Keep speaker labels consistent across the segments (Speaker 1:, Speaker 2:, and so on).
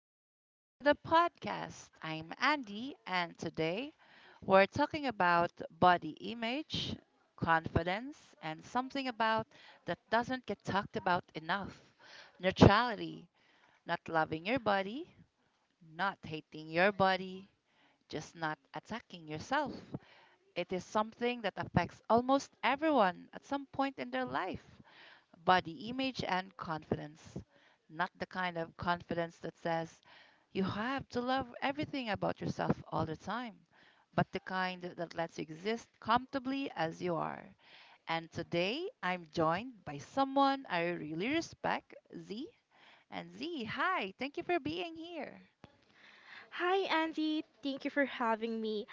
Speaker 1: welcome back to the podcast. I'm Andy, and today we're talking about body image, confidence, and something about that doesn't get talked about enough — neutrality, not loving your body, not hating your body, just not attacking yourself. It is something that affects almost everyone at some point in their life — body image and confidence. Not the kind of confidence that says you have to love everything about yourself all the time, but the kind that lets you exist comfortably as you are. And today I'm joined by someone I really respect, Z. And Z, hi, thank you for being here.
Speaker 2: Hi, Andy. Thank you for having me.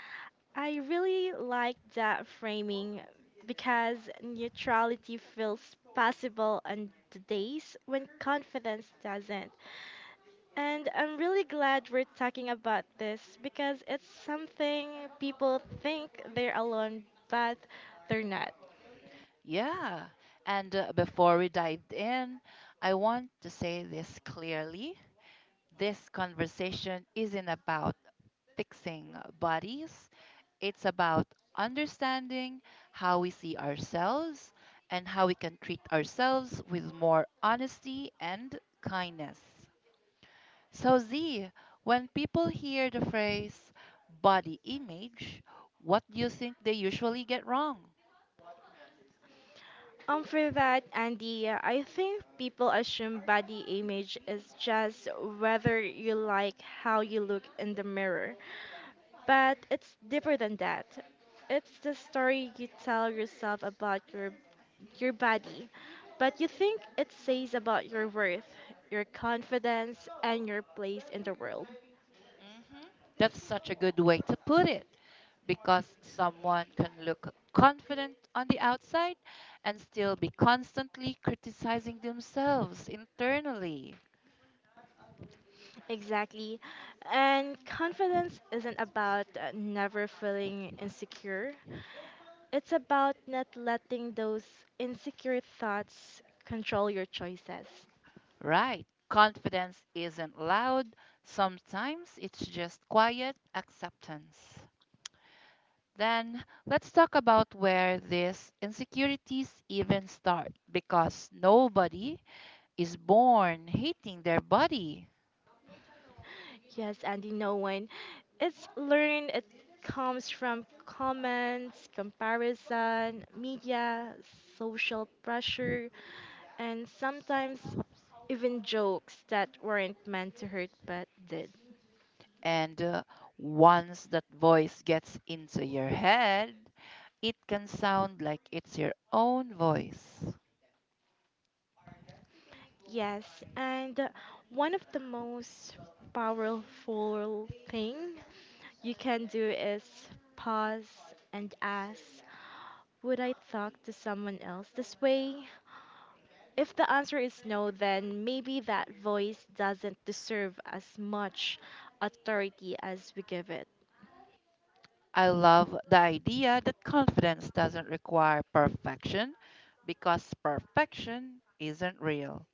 Speaker 2: I really like that framing because neutrality feels possible on the days when confidence doesn't. And I'm really glad we're talking about this because it's something people think they're alone, but they're not.
Speaker 1: Yeah, and before we dive in, I want to say this clearly. This conversation isn't about fixing bodies, it's about understanding how we see ourselves and how we can treat ourselves with more honesty and kindness. So, Z, when people hear the phrase body image, what do you think they usually get wrong?
Speaker 2: For that, Andy, I think people assume body image is just whether you like how you look in the mirror. But it's deeper than that. It's the story you tell yourself about your body, but you think it says about your worth, your confidence, and your place in the world.
Speaker 1: Hmm. That's such a good way to put it, because someone can look confident on the outside and still be constantly criticizing themselves internally.
Speaker 2: Exactly. And confidence isn't about never feeling insecure. It's about not letting those insecure thoughts control your choices.
Speaker 1: Right. Confidence isn't loud, sometimes it's just quiet acceptance. Then let's talk about where these insecurities even start, because nobody is born hating their body.
Speaker 2: Yes, Andy, no one. It's learned, it comes from comments, comparison, media, social pressure, and sometimes even jokes that weren't meant to hurt but did.
Speaker 1: And once that voice gets into your head, it can sound like it's your own voice.
Speaker 2: Yes, and one of the most powerful thing you can do is pause and ask, would I talk to someone else this way? If the answer is no, then maybe that voice doesn't deserve as much authority as we give it.
Speaker 1: I love the idea that confidence doesn't require perfection because perfection isn't real.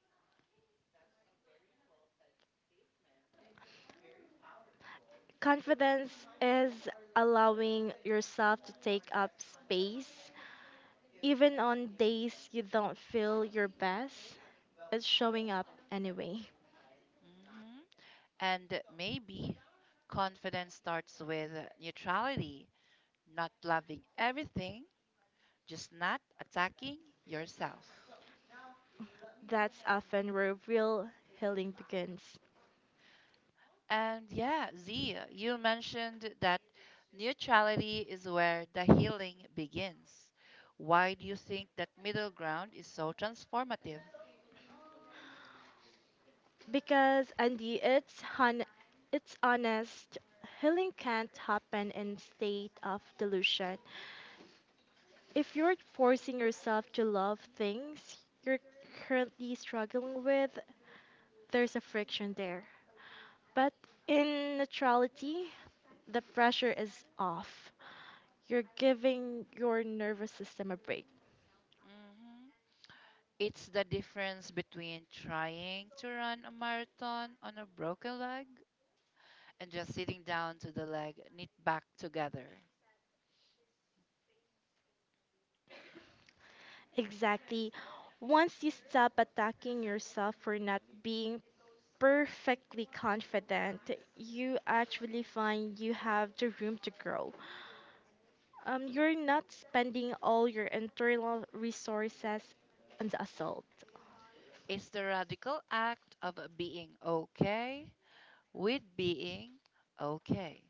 Speaker 2: Confidence is allowing yourself to take up space. Even on days you don't feel your best, it's showing up anyway.
Speaker 1: Hmm. And maybe confidence starts with neutrality, not loving everything, just not attacking yourself.
Speaker 2: That's often where real healing begins.
Speaker 1: And yeah, Z, you mentioned that neutrality is where the healing begins. Why do you think that middle ground is so transformative?
Speaker 2: Because Andy, it's honest. Healing can't happen in state of delusion. If you're forcing yourself to love things you're currently struggling with, there's a friction there. But in neutrality, the pressure is off. You're giving your nervous system a break.
Speaker 1: Hmm. It's the difference between trying to run a marathon on a broken leg and just sitting down to the leg knit back together.
Speaker 2: Exactly. Once you stop attacking yourself for not being perfectly confident, you actually find you have the room to grow. You're not spending all your internal resources on the assault.
Speaker 1: It's the radical act of being okay with being okay.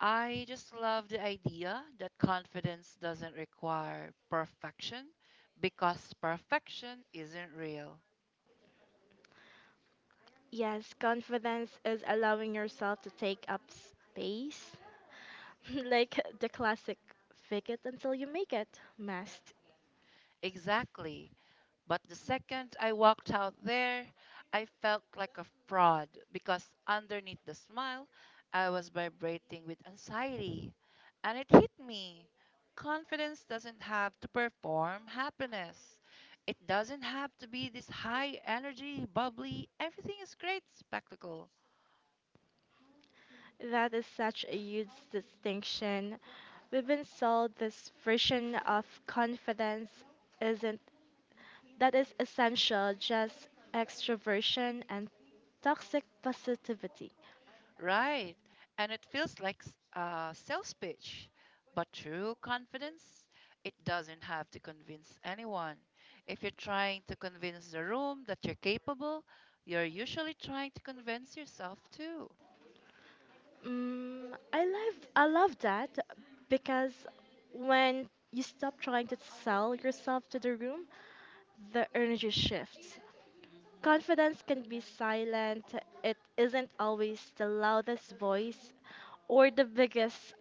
Speaker 1: I just love the idea that confidence doesn't require perfection because perfection isn't real.
Speaker 2: Yes, confidence is allowing yourself to take up space, like the classic fake it until you make it must.
Speaker 1: Exactly. But the second I walked out there, I felt like a fraud because underneath the smile, I was vibrating with anxiety. And it hit me. Confidence doesn't have to perform happiness. It doesn't have to be this high energy, bubbly, everything is great spectacle.
Speaker 2: That is such a huge distinction. We've been sold this version of confidence isn't that is essential, just extroversion and toxic positivity.
Speaker 1: Right. And it feels like sales pitch. But true confidence, it doesn't have to convince anyone. If you're trying to convince the room that you're capable, you're usually trying to convince yourself too.
Speaker 2: Mm, I love that because when you stop trying to sell yourself to the room, the energy shifts.
Speaker 1: Mm-hmm.
Speaker 2: Confidence can be silent. It isn't always the loudest voice or the biggest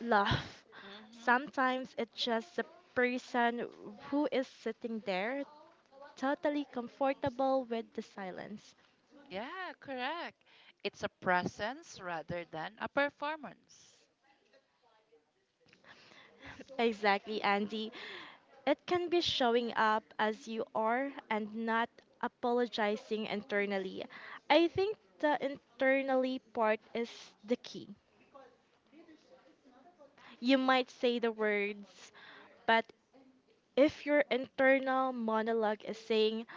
Speaker 2: laugh.
Speaker 1: Mm-hmm.
Speaker 2: Sometimes it's just the person who is sitting there totally comfortable with the silence.
Speaker 1: Yeah, correct. It's a presence rather than a performance.
Speaker 2: Exactly, Andy. It can be showing up as you are and not apologizing internally. I think the internally part is the key. You might say the words, but if your internal monologue is saying,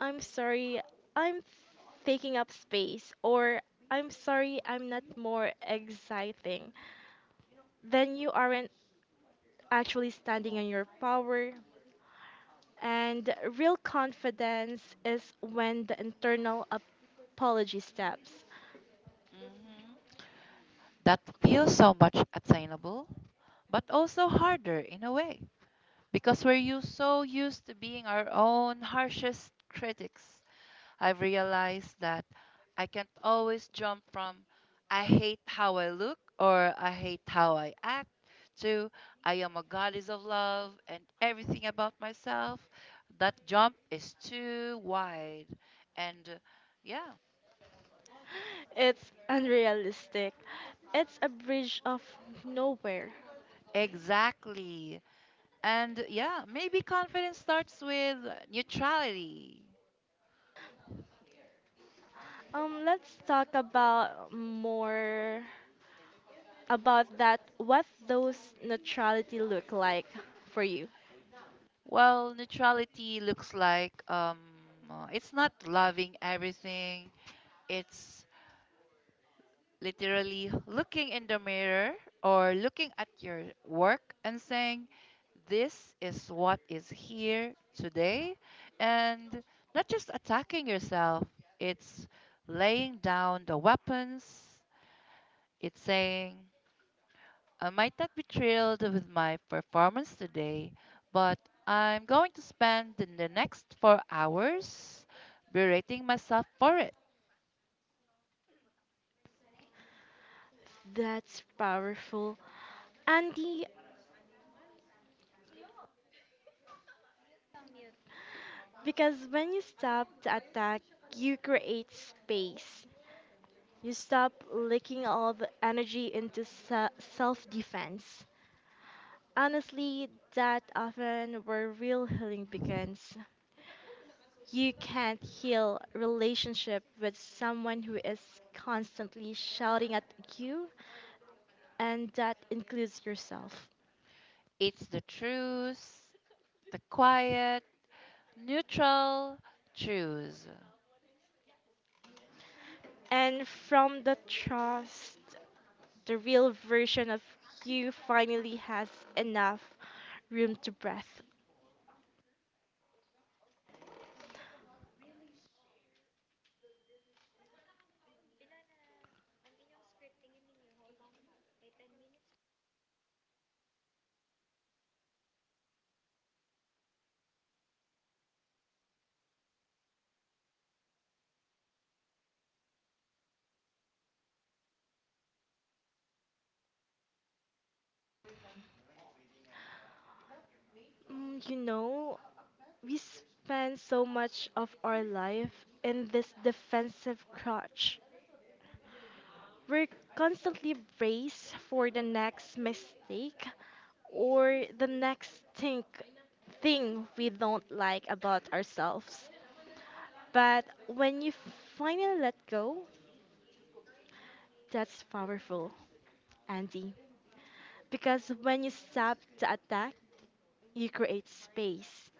Speaker 2: I'm sorry, I'm taking up space, or I'm sorry, I'm not more exciting, then you aren't actually standing on your power, And real confidence is when the internal apology steps.
Speaker 1: Hmm. That feels so much attainable, but also harder in a way. Because we're so used to being our own harshest critics, I've realized that I can't always jump from I hate how I look or I hate how I act to I am a goddess of love and everything about myself. That jump is too wide. And yeah,
Speaker 2: It's unrealistic. It's a bridge of nowhere.
Speaker 1: exactly. And yeah, maybe confidence starts with neutrality.
Speaker 2: Let's talk about more about that. What those neutrality look like for you?
Speaker 1: Well, neutrality looks like it's not loving everything. It's literally looking in the mirror or looking at your work and saying, this is what is here today. And not just attacking yourself, it's laying down the weapons. It's saying, I might not be thrilled with my performance today, but I'm going to spend the next 4 hours berating myself for it.
Speaker 2: That's powerful, Andy. Because when you stop to attack, you create space. You stop leaking all the energy into self defense. Honestly, that often where real healing begins. You can't heal relationship with someone who is constantly shouting at you, and that includes yourself.
Speaker 1: It's the truth, the quiet, neutral truth.
Speaker 2: And from the trust, the real version of you finally has enough room to breathe. Mm, you know, we spend so much of our life in this defensive crouch. We're constantly braced for the next mistake or the next thing we don't like about ourselves. But when you finally let go, that's powerful, Andy. Because when you stop the attack, you create space.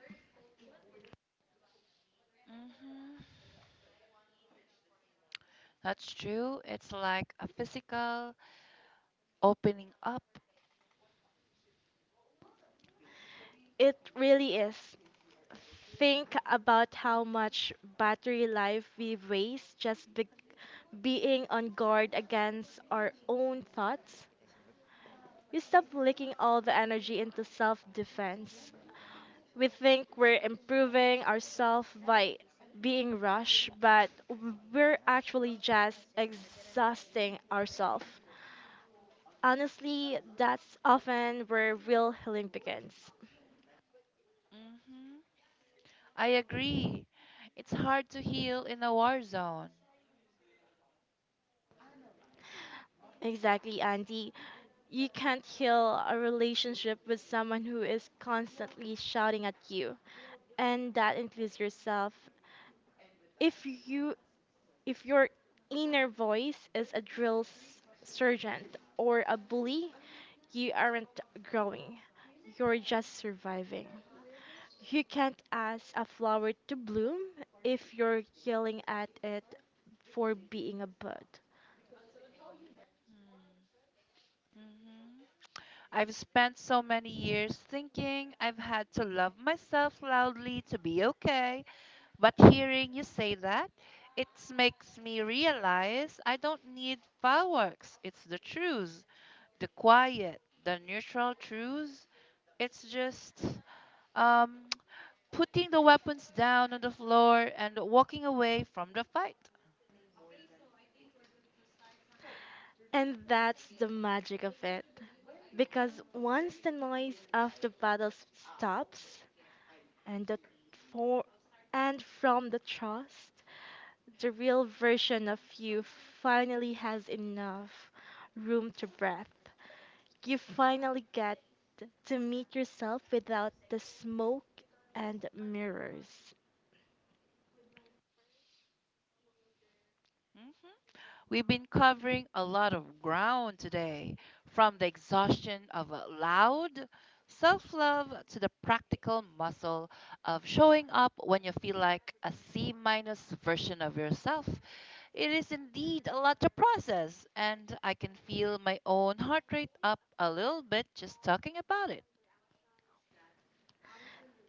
Speaker 1: Hmm. That's true. It's like a physical opening up.
Speaker 2: It really is. Think about how much battery life we waste just being on guard against our own thoughts, we stop leaking all the energy into self defense. We think we're improving ourselves by being rushed, but we're actually just exhausting ourselves. Honestly, that's often where real healing begins.
Speaker 1: Hmm. I agree. It's hard to heal in a war zone.
Speaker 2: Exactly, Andy. You can't heal a relationship with someone who is constantly shouting at you, and that includes yourself. If you if your inner voice is a drill sergeant or a bully, you aren't growing. You're just surviving. You can't ask a flower to bloom if you're yelling at it for being a bud.
Speaker 1: Hmm. I've spent so many years thinking I've had to love myself loudly to be okay, but hearing you say that, it makes me realize I don't need fireworks. It's the truths, the quiet, the neutral truths. It's just um, putting the weapons down on the floor and walking away from the fight.
Speaker 2: And that's the magic of it. Because once the noise of the battle stops and the for and from the trust, the real version of you finally has enough room to breathe. You finally get to meet yourself without the smoke and mirrors.
Speaker 1: Mm-hmm. We've been covering a lot of ground today, from the exhaustion of a loud self love to the practical muscle of showing up when you feel like a C minus version of yourself. It is indeed a lot to process, and I can feel my own heart rate up a little bit just talking about it.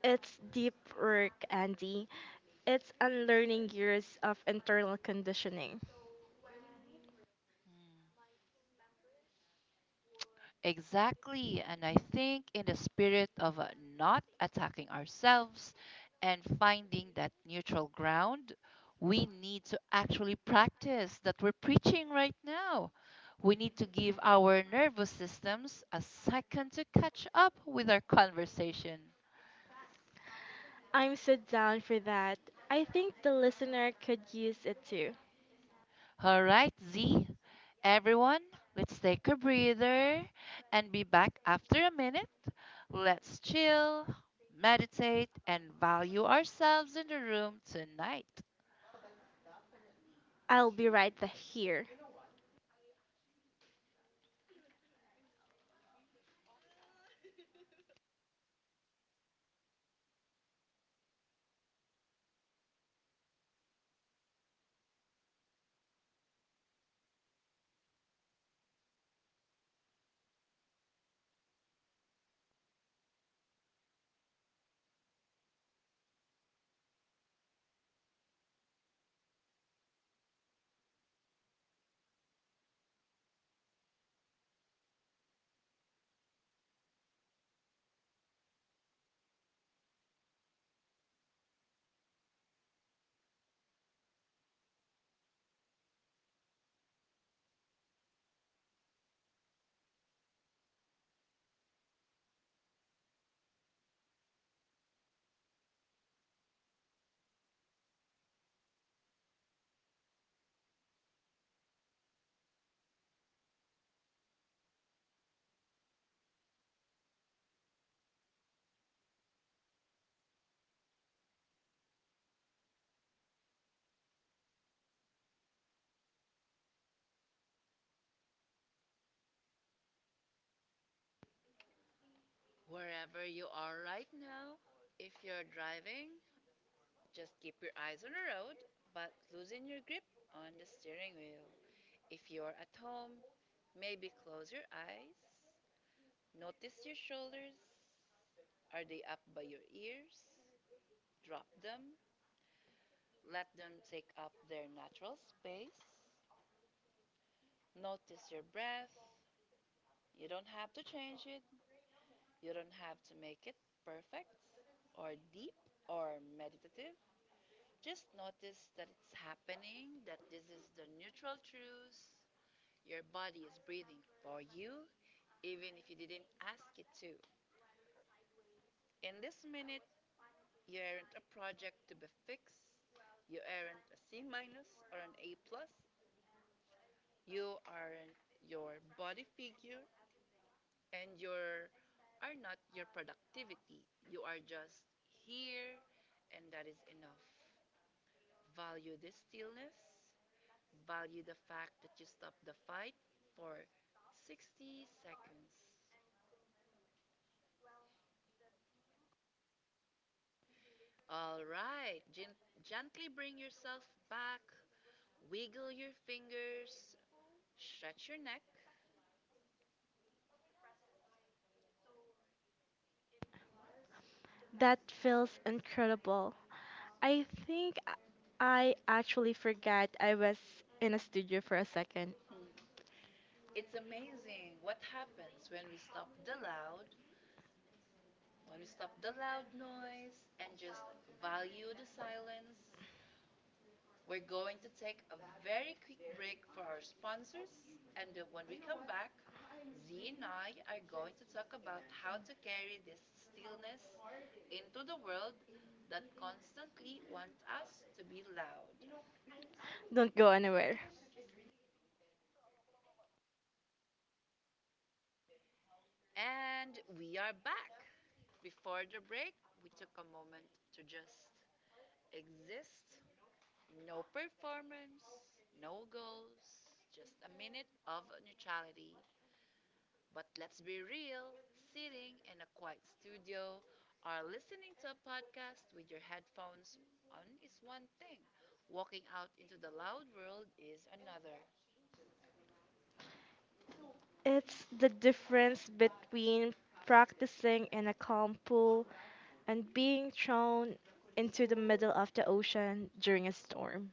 Speaker 2: It's deep work, Andy. It's unlearning years of internal conditioning.
Speaker 1: Exactly. And I think, in the spirit of not attacking ourselves and finding that neutral ground, we need to actually practice that we're preaching right now. We need to give our nervous systems a second to catch up with our conversation.
Speaker 2: I'm so down for that. I think the listener could use it too.
Speaker 1: All right, Z. Everyone, let's take a breather and be back after a minute. Let's chill, meditate, and value ourselves in the room tonight.
Speaker 2: I'll be right the- here.
Speaker 1: Wherever you are right now, if you're driving, just keep your eyes on the road but loosen your grip on the steering wheel. If you're at home, maybe close your eyes. Notice your shoulders. Are they up by your ears? Drop them, let them take up their natural space. Notice your breath. You don't have to change it, you don't have to make it perfect or deep or meditative. Just notice that it's happening, that this is the neutral truth. Your body is breathing for you, even if you didn't ask it to. In this minute, you aren't a project to be fixed. You aren't a C minus or an A plus. You are your body figure and your are not your productivity. You are just here, and that is enough. Value the stillness. Value the fact that you stop the fight for 60 seconds. All right, gently bring yourself back, wiggle your fingers, stretch your neck.
Speaker 2: That feels incredible. I think I actually forgot I was in a studio for a second.
Speaker 1: Hmm. It's amazing what happens when we stop the loud. When we stop the loud noise and just value the silence, we're going to take a very quick break for our sponsors. And when we come back, Z and I are going to talk about how to carry this stillness into the world that constantly wants us to be loud.
Speaker 2: Don't go anywhere.
Speaker 1: And we are back. Before the break, we took a moment to just exist. No performance, no goals, just a minute of neutrality. But let's be real — sitting in a quiet studio or listening to a podcast with your headphones on is one thing, walking out into the loud world is another.
Speaker 2: It's the difference between practicing in a calm pool and being thrown into the middle of the ocean during a storm.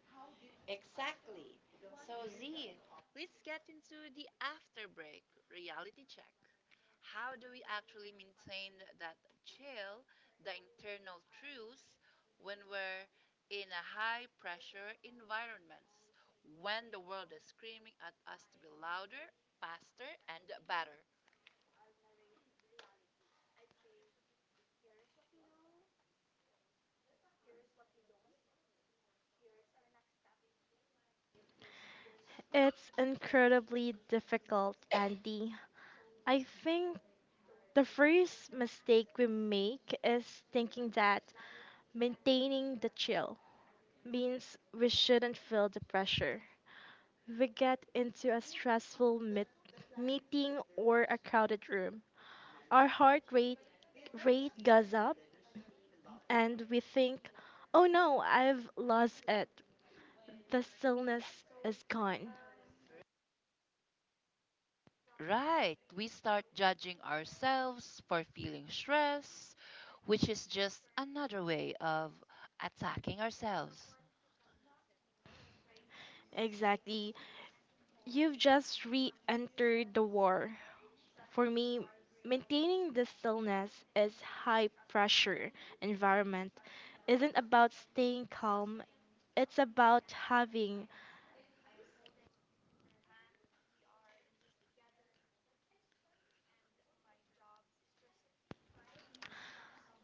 Speaker 1: Exactly. So, Z, let's get into the after break reality check. How do we actually maintain that chill, the internal truths, when we're in a high pressure environments, when the world is screaming at us to be louder, faster, and better?
Speaker 2: It's incredibly difficult, Andy. I think the first mistake we make is thinking that maintaining the chill means we shouldn't feel the pressure. We get into a stressful meeting or a crowded room. Our heart rate goes up and we think, "Oh no, I've lost it. The stillness is gone."
Speaker 1: Right, we start judging ourselves for feeling stress, which is just another way of attacking ourselves.
Speaker 2: Exactly. You've just re-entered the war. For me, maintaining the stillness is high pressure environment isn't about staying calm, it's about having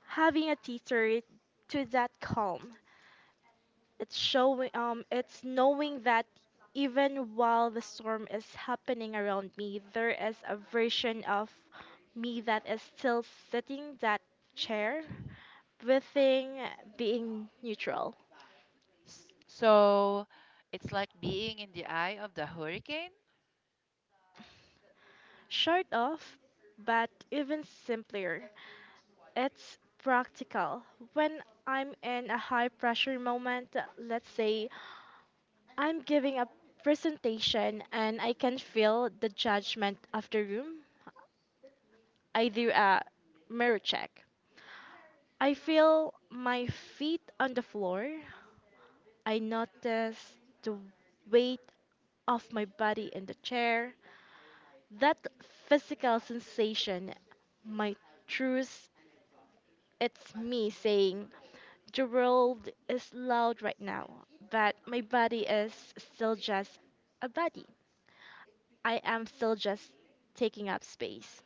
Speaker 2: having a teeter to that calm. It's showing it's knowing that even while the storm is happening around me, there is a version of me that is still sitting that chair, breathing, being neutral.
Speaker 1: So, it's like being in the eye of the hurricane.
Speaker 2: Short of, but even simpler. It's practical. When I'm in a high pressure moment, let's say I'm giving a presentation and I can feel the judgment of the room, I do a mirror check. I feel my feet on the floor. I notice the weight of my body in the chair. That physical sensation, my true it's me saying, the world is loud right now, but my body is still just a body. I am still just taking up space.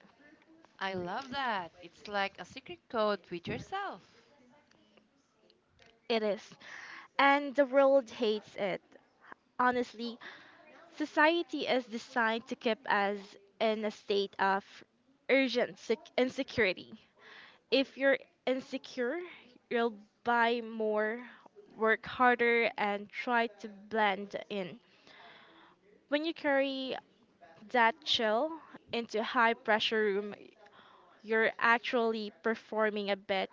Speaker 1: I love that. It's like a secret code with yourself.
Speaker 2: It is. And the world hates it. Honestly, society is designed to keep us in a state of urgent insecurity. If you're insecure, you'll buy more, work harder, and try to blend in. When you carry that chill into high pressure room, you're actually performing a bit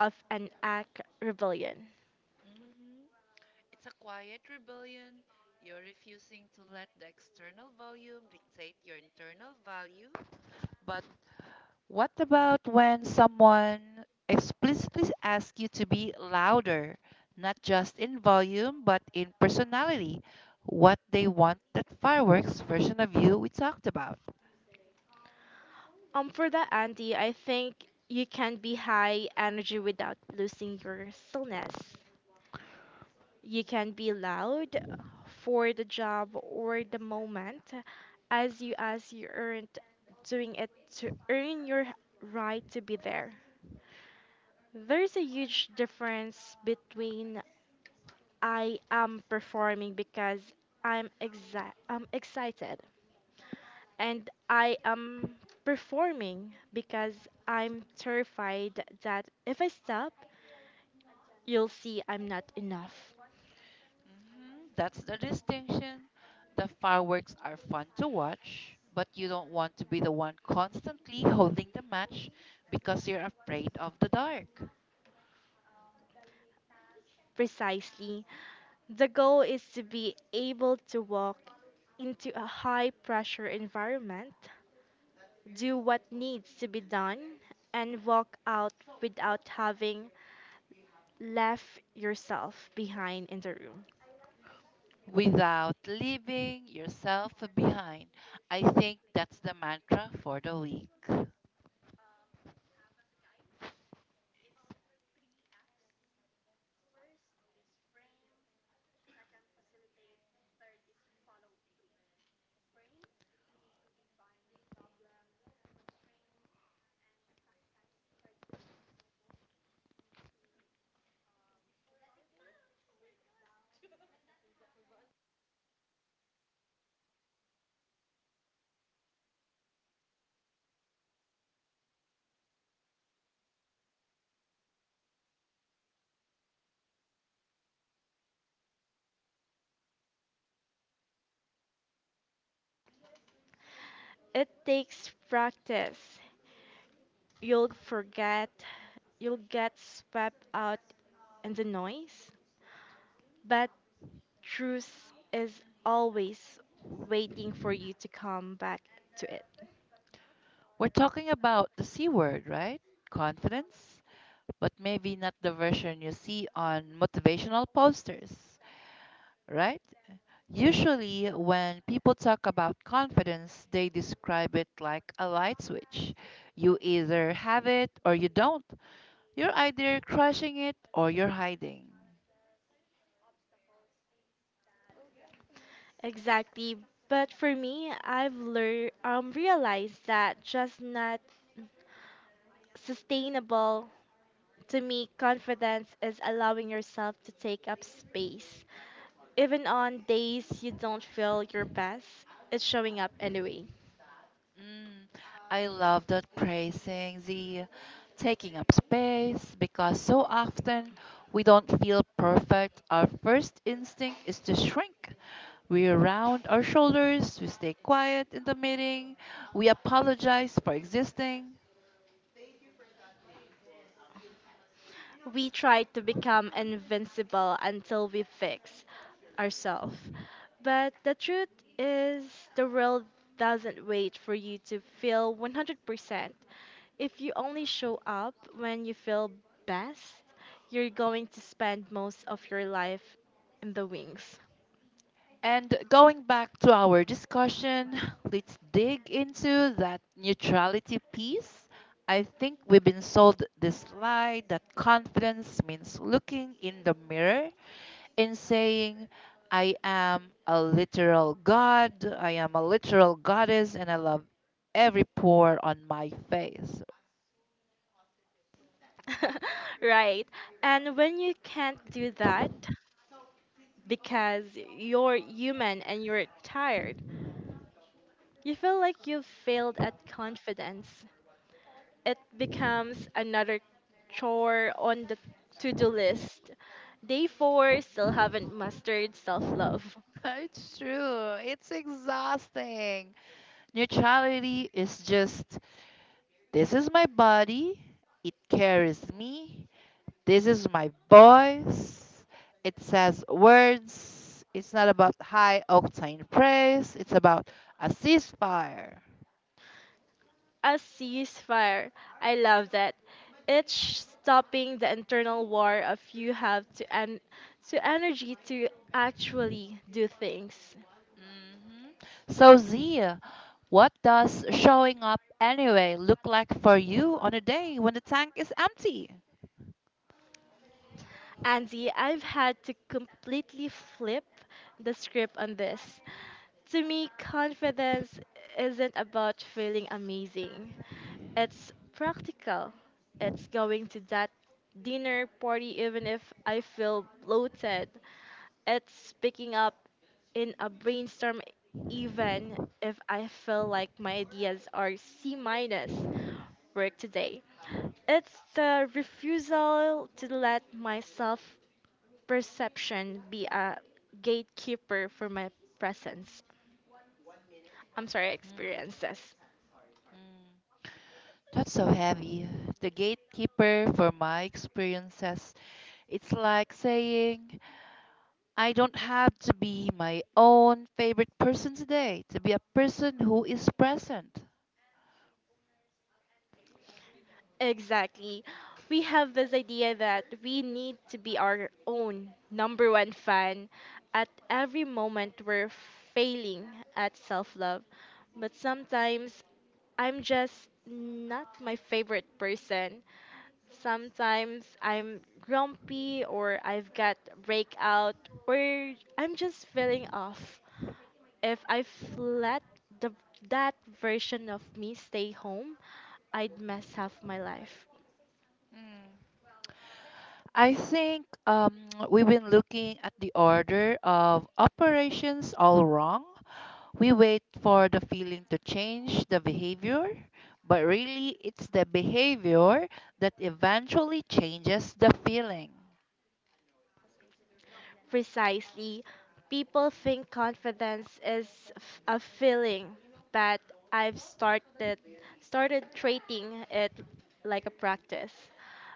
Speaker 2: of an act rebellion.
Speaker 1: Hmm. It's a quiet rebellion. You're refusing to let the external volume dictate your internal value. But what about when someone explicitly asks you to be louder, not just in volume, but in personality? What they want that fireworks version of you we talked about.
Speaker 2: For that, Andy, I think you can be high energy without losing your stillness. You can be loud for the job or the moment as you aren't doing it to earn your right to be there. There's a huge difference between I am performing because I'm excited and I am performing because I'm terrified that if I stop, you'll see I'm not enough.
Speaker 1: Mhm. That's the distinction. The fireworks are fun to watch, but you don't want to be the one constantly holding the match because you're afraid of the dark.
Speaker 2: Precisely. The goal is to be able to walk into a high pressure environment, do what needs to be done, and walk out without having left yourself behind in the room.
Speaker 1: Without leaving yourself behind, I think that's the mantra for the week.
Speaker 2: It takes practice. You'll forget, you'll get swept out in the noise, but truth is always waiting for you to come back to it.
Speaker 1: We're talking about the C word, right? Confidence, but maybe not the version you see on motivational posters, right? Usually, when people talk about confidence, they describe it like a light switch. You either have it or you don't. You're either crushing it or you're hiding.
Speaker 2: Exactly. But for me, I've learned, realized that just not sustainable. To me, confidence is allowing yourself to take up space. Even on days you don't feel your best, it's showing up anyway.
Speaker 1: Mm, I love that praising the taking up space because so often we don't feel perfect. Our first instinct is to shrink. We round our shoulders, we stay quiet in the meeting, we apologize for existing.
Speaker 2: We try to become invincible until we fix ourselves. But the truth is, the world doesn't wait for you to feel 100%. If you only show up when you feel best, you're going to spend most of your life in the wings.
Speaker 1: And going back to our discussion, let's dig into that neutrality piece. I think we've been sold this lie that confidence means looking in the mirror and saying, I am a literal god, I am a literal goddess, and I love every pore on my face.
Speaker 2: Right. And when you can't do that because you're human and you're tired, you feel like you've failed at confidence. It becomes another chore on the to do list. Day four still haven't mastered self love.
Speaker 1: It's true. It's exhausting. Neutrality is just this is my body, it carries me, this is my voice. It says words. It's not about high octane praise, it's about a ceasefire.
Speaker 2: A ceasefire. I love that. It's stopping the internal war of you have to and to energy to actually do things.
Speaker 1: Hmm. So, Zia, what does showing up anyway look like for you on a day when the tank is empty?
Speaker 2: Andy, I've had to completely flip the script on this. To me, confidence isn't about feeling amazing. It's practical. It's going to that dinner party even if I feel bloated. It's speaking up in a brainstorm even if I feel like my ideas are C minus work today. It's the refusal to let myself perception be a gatekeeper for my presence. I'm sorry, experiences.
Speaker 1: Mhm. That's so heavy. The gatekeeper for my experiences, it's like saying, I don't have to be my own favorite person today to be a person who is present.
Speaker 2: Exactly. We have this idea that we need to be our own number one fan at every moment we're failing at self love. But sometimes I'm just not my favorite person. Sometimes I'm grumpy or I've got breakout or I'm just feeling off. If I let the that version of me stay home, I'd mess up my life.
Speaker 1: Mm. I think we've been looking at the order of operations all wrong. We wait for the feeling to change the behavior, but really it's the behavior that eventually changes the feeling.
Speaker 2: Precisely. People think confidence is a feeling, but I've started treating it like a practice.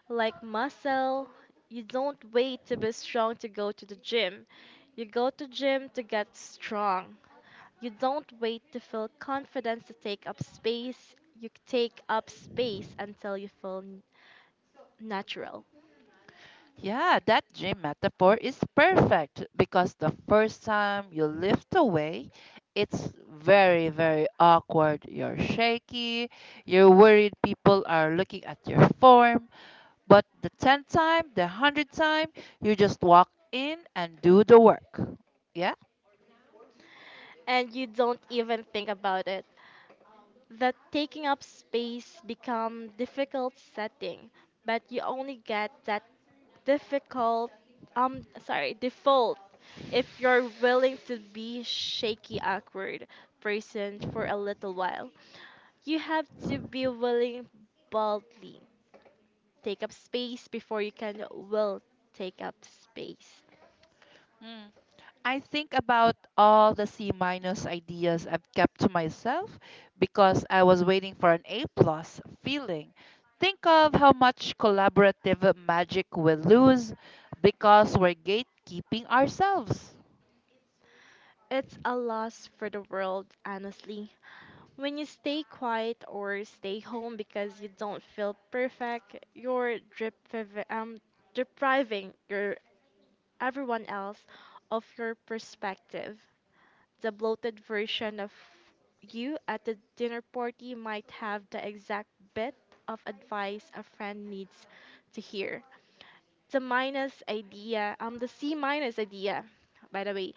Speaker 2: Like muscle, you don't wait to be strong to go to the gym. You go to gym to get strong. You don't wait to feel confidence to take up space. You take up space until you feel natural.
Speaker 1: Yeah, that dream metaphor is perfect because the first time you lift away, it's very, very awkward. You're shaky, you're worried people are looking at your form. But the 10th time, the 100th time, you just walk in and do the work. Yeah?
Speaker 2: And you don't even think about it. That taking up space become difficult setting, but you only get that difficult default if you're willing to be shaky awkward person for a little while. You have to be willing boldly take up space before will take up space.
Speaker 1: Mm. I think about all the C minus ideas I've kept to myself because I was waiting for an A plus feeling. Think of how much collaborative magic we lose because we're gatekeeping ourselves.
Speaker 2: It's a loss for the world, honestly. When you stay quiet or stay home because you don't feel perfect, depriving your everyone else of your perspective. The bloated version of you at the dinner party might have the exact bit of advice a friend needs to hear, the C minus idea, by the way,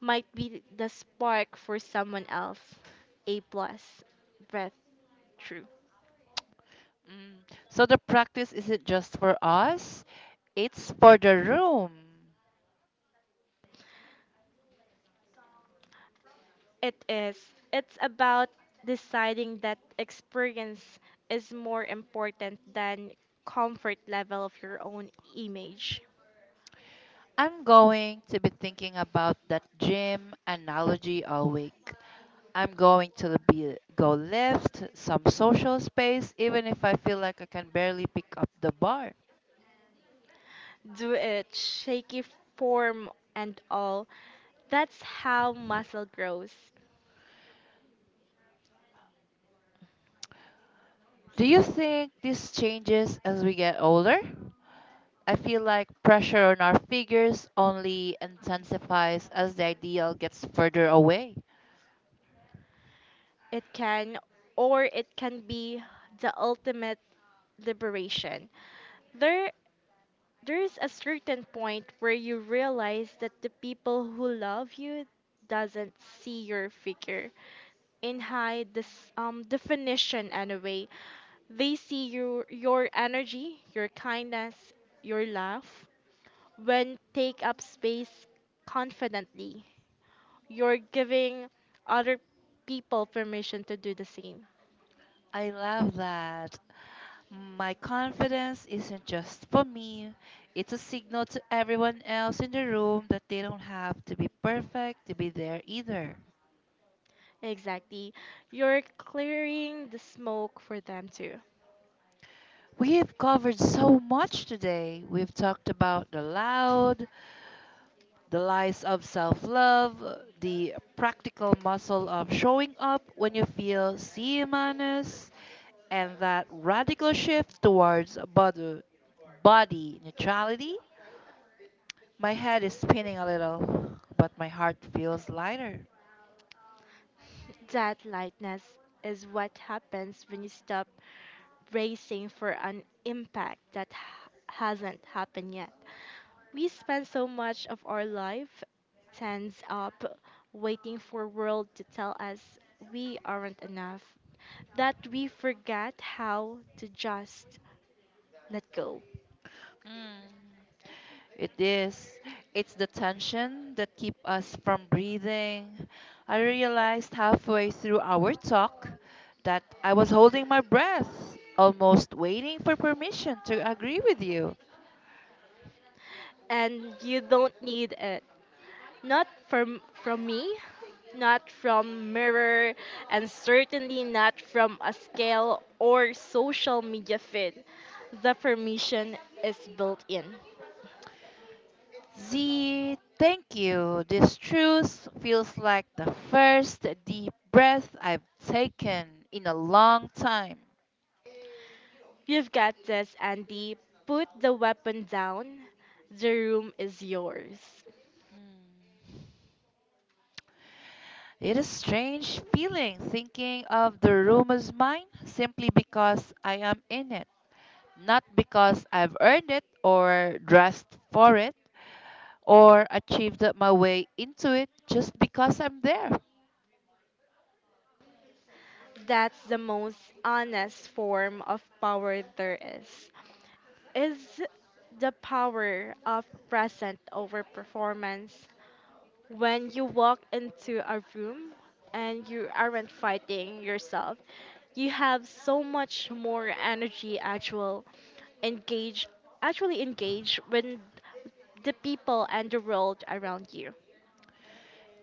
Speaker 2: might be the spark for someone else. A plus, breath true.
Speaker 1: Mm. So the practice isn't just for us, it's for the room.
Speaker 2: It is. It's about deciding that experience is more important than comfort level of your own image.
Speaker 1: I'm going to be thinking about that gym analogy all week. I'm going to be, go left, some social space, even if I feel like I can barely pick up the bar.
Speaker 2: Do it, shaky form and all. That's how muscle grows.
Speaker 1: Do you think this changes as we get older? I feel like pressure on our figures only intensifies as the ideal gets further away.
Speaker 2: It can, or it can be the ultimate liberation. There there's a certain point where you realize that the people who love you doesn't see your figure in high this definition anyway. They see your energy, your kindness, your laugh when take up space confidently. You're giving other people permission to do the same.
Speaker 1: I love that. My confidence isn't just for me, it's a signal to everyone else in the room that they don't have to be perfect to be there either.
Speaker 2: Exactly. You're clearing the smoke for them too.
Speaker 1: We've covered so much today. We've talked about the loud, the lies of self love, the practical muscle of showing up when you feel CMNS, and that radical shift towards body neutrality. My head is spinning a little, but my heart feels lighter.
Speaker 2: That lightness is what happens when you stop racing for an impact that hasn't happened yet. We spend so much of our life tensed up, waiting for world to tell us we aren't enough, that we forget how to just let go.
Speaker 1: Mm. It is. It's the tension that keep us from breathing. I realized halfway through our talk that I was holding my breath, almost waiting for permission to agree with you.
Speaker 2: And you don't need it. Not from me, not from mirror, and certainly not from a scale or social media feed. The permission is built in.
Speaker 1: Z, thank you. This truce feels like the first deep breath I've taken in a long time.
Speaker 2: You've got this, Andy. Put the weapon down. The room is yours.
Speaker 1: Hmm. It is strange feeling thinking of the room as mine simply because I am in it. Not because I've earned it or dressed for it or achieved my way into it, just because I'm there.
Speaker 2: That's the most honest form of power there is. Is the power of present over performance. When you walk into a room and you aren't fighting yourself you have so much more energy actual engage actually engage with the people and the world around you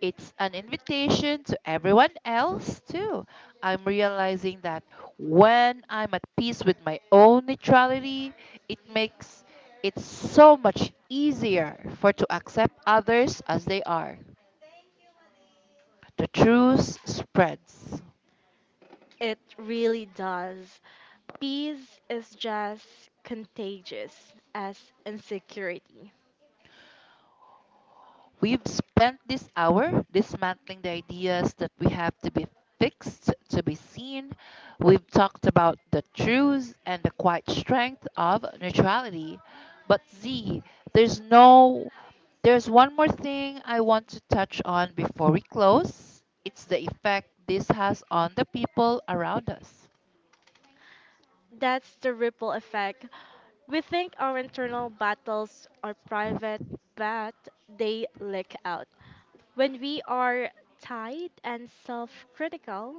Speaker 1: It's an invitation to everyone else, too. I'm realizing that when I'm at peace with my own neutrality, it makes it so much easier for to accept others as they are. The truth spreads.
Speaker 2: it really does peace is just contagious as insecurity
Speaker 1: We've spent this hour dismantling the ideas that we have to be fixed to be seen. We've talked about the truths and the quiet strength of neutrality. But Z, there's no there's one more thing I want to touch on before we close. It's the effect this has on the people around us.
Speaker 2: that's the ripple effect we think our internal battles are private but they leak out. When we are tight and self critical,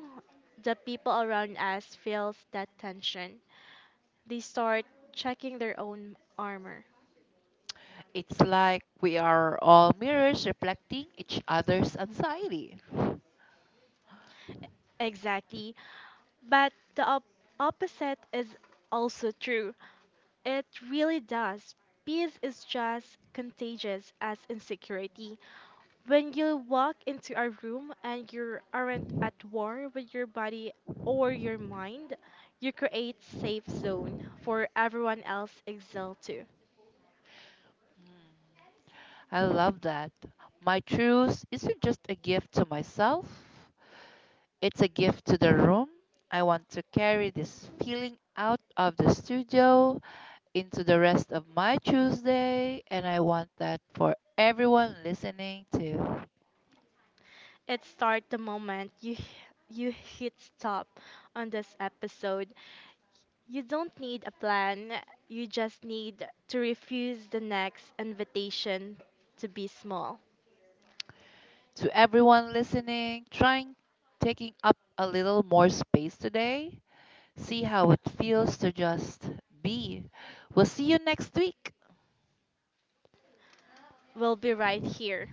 Speaker 2: the people around us feels that tension. They start checking their own armor.
Speaker 1: It's like we are all mirrors reflecting each other's anxiety.
Speaker 2: Exactly. But the opposite is also true. It really does. Peace is just contagious as insecurity. When you walk into a room and you aren't at war with your body or your mind, you create safe zone for everyone else exhale to.
Speaker 1: I love that. My truth isn't just a gift to myself, it's a gift to the room. I want to carry this feeling out of the studio into the rest of my Tuesday, and I want that for everyone listening to
Speaker 2: It starts the moment you hit stop on this episode. You don't need a plan. You just need to refuse the next invitation to be small.
Speaker 1: to Everyone listening, trying taking up a little more space today. See how it feels to just be. We'll see you next week.
Speaker 2: We'll be right here.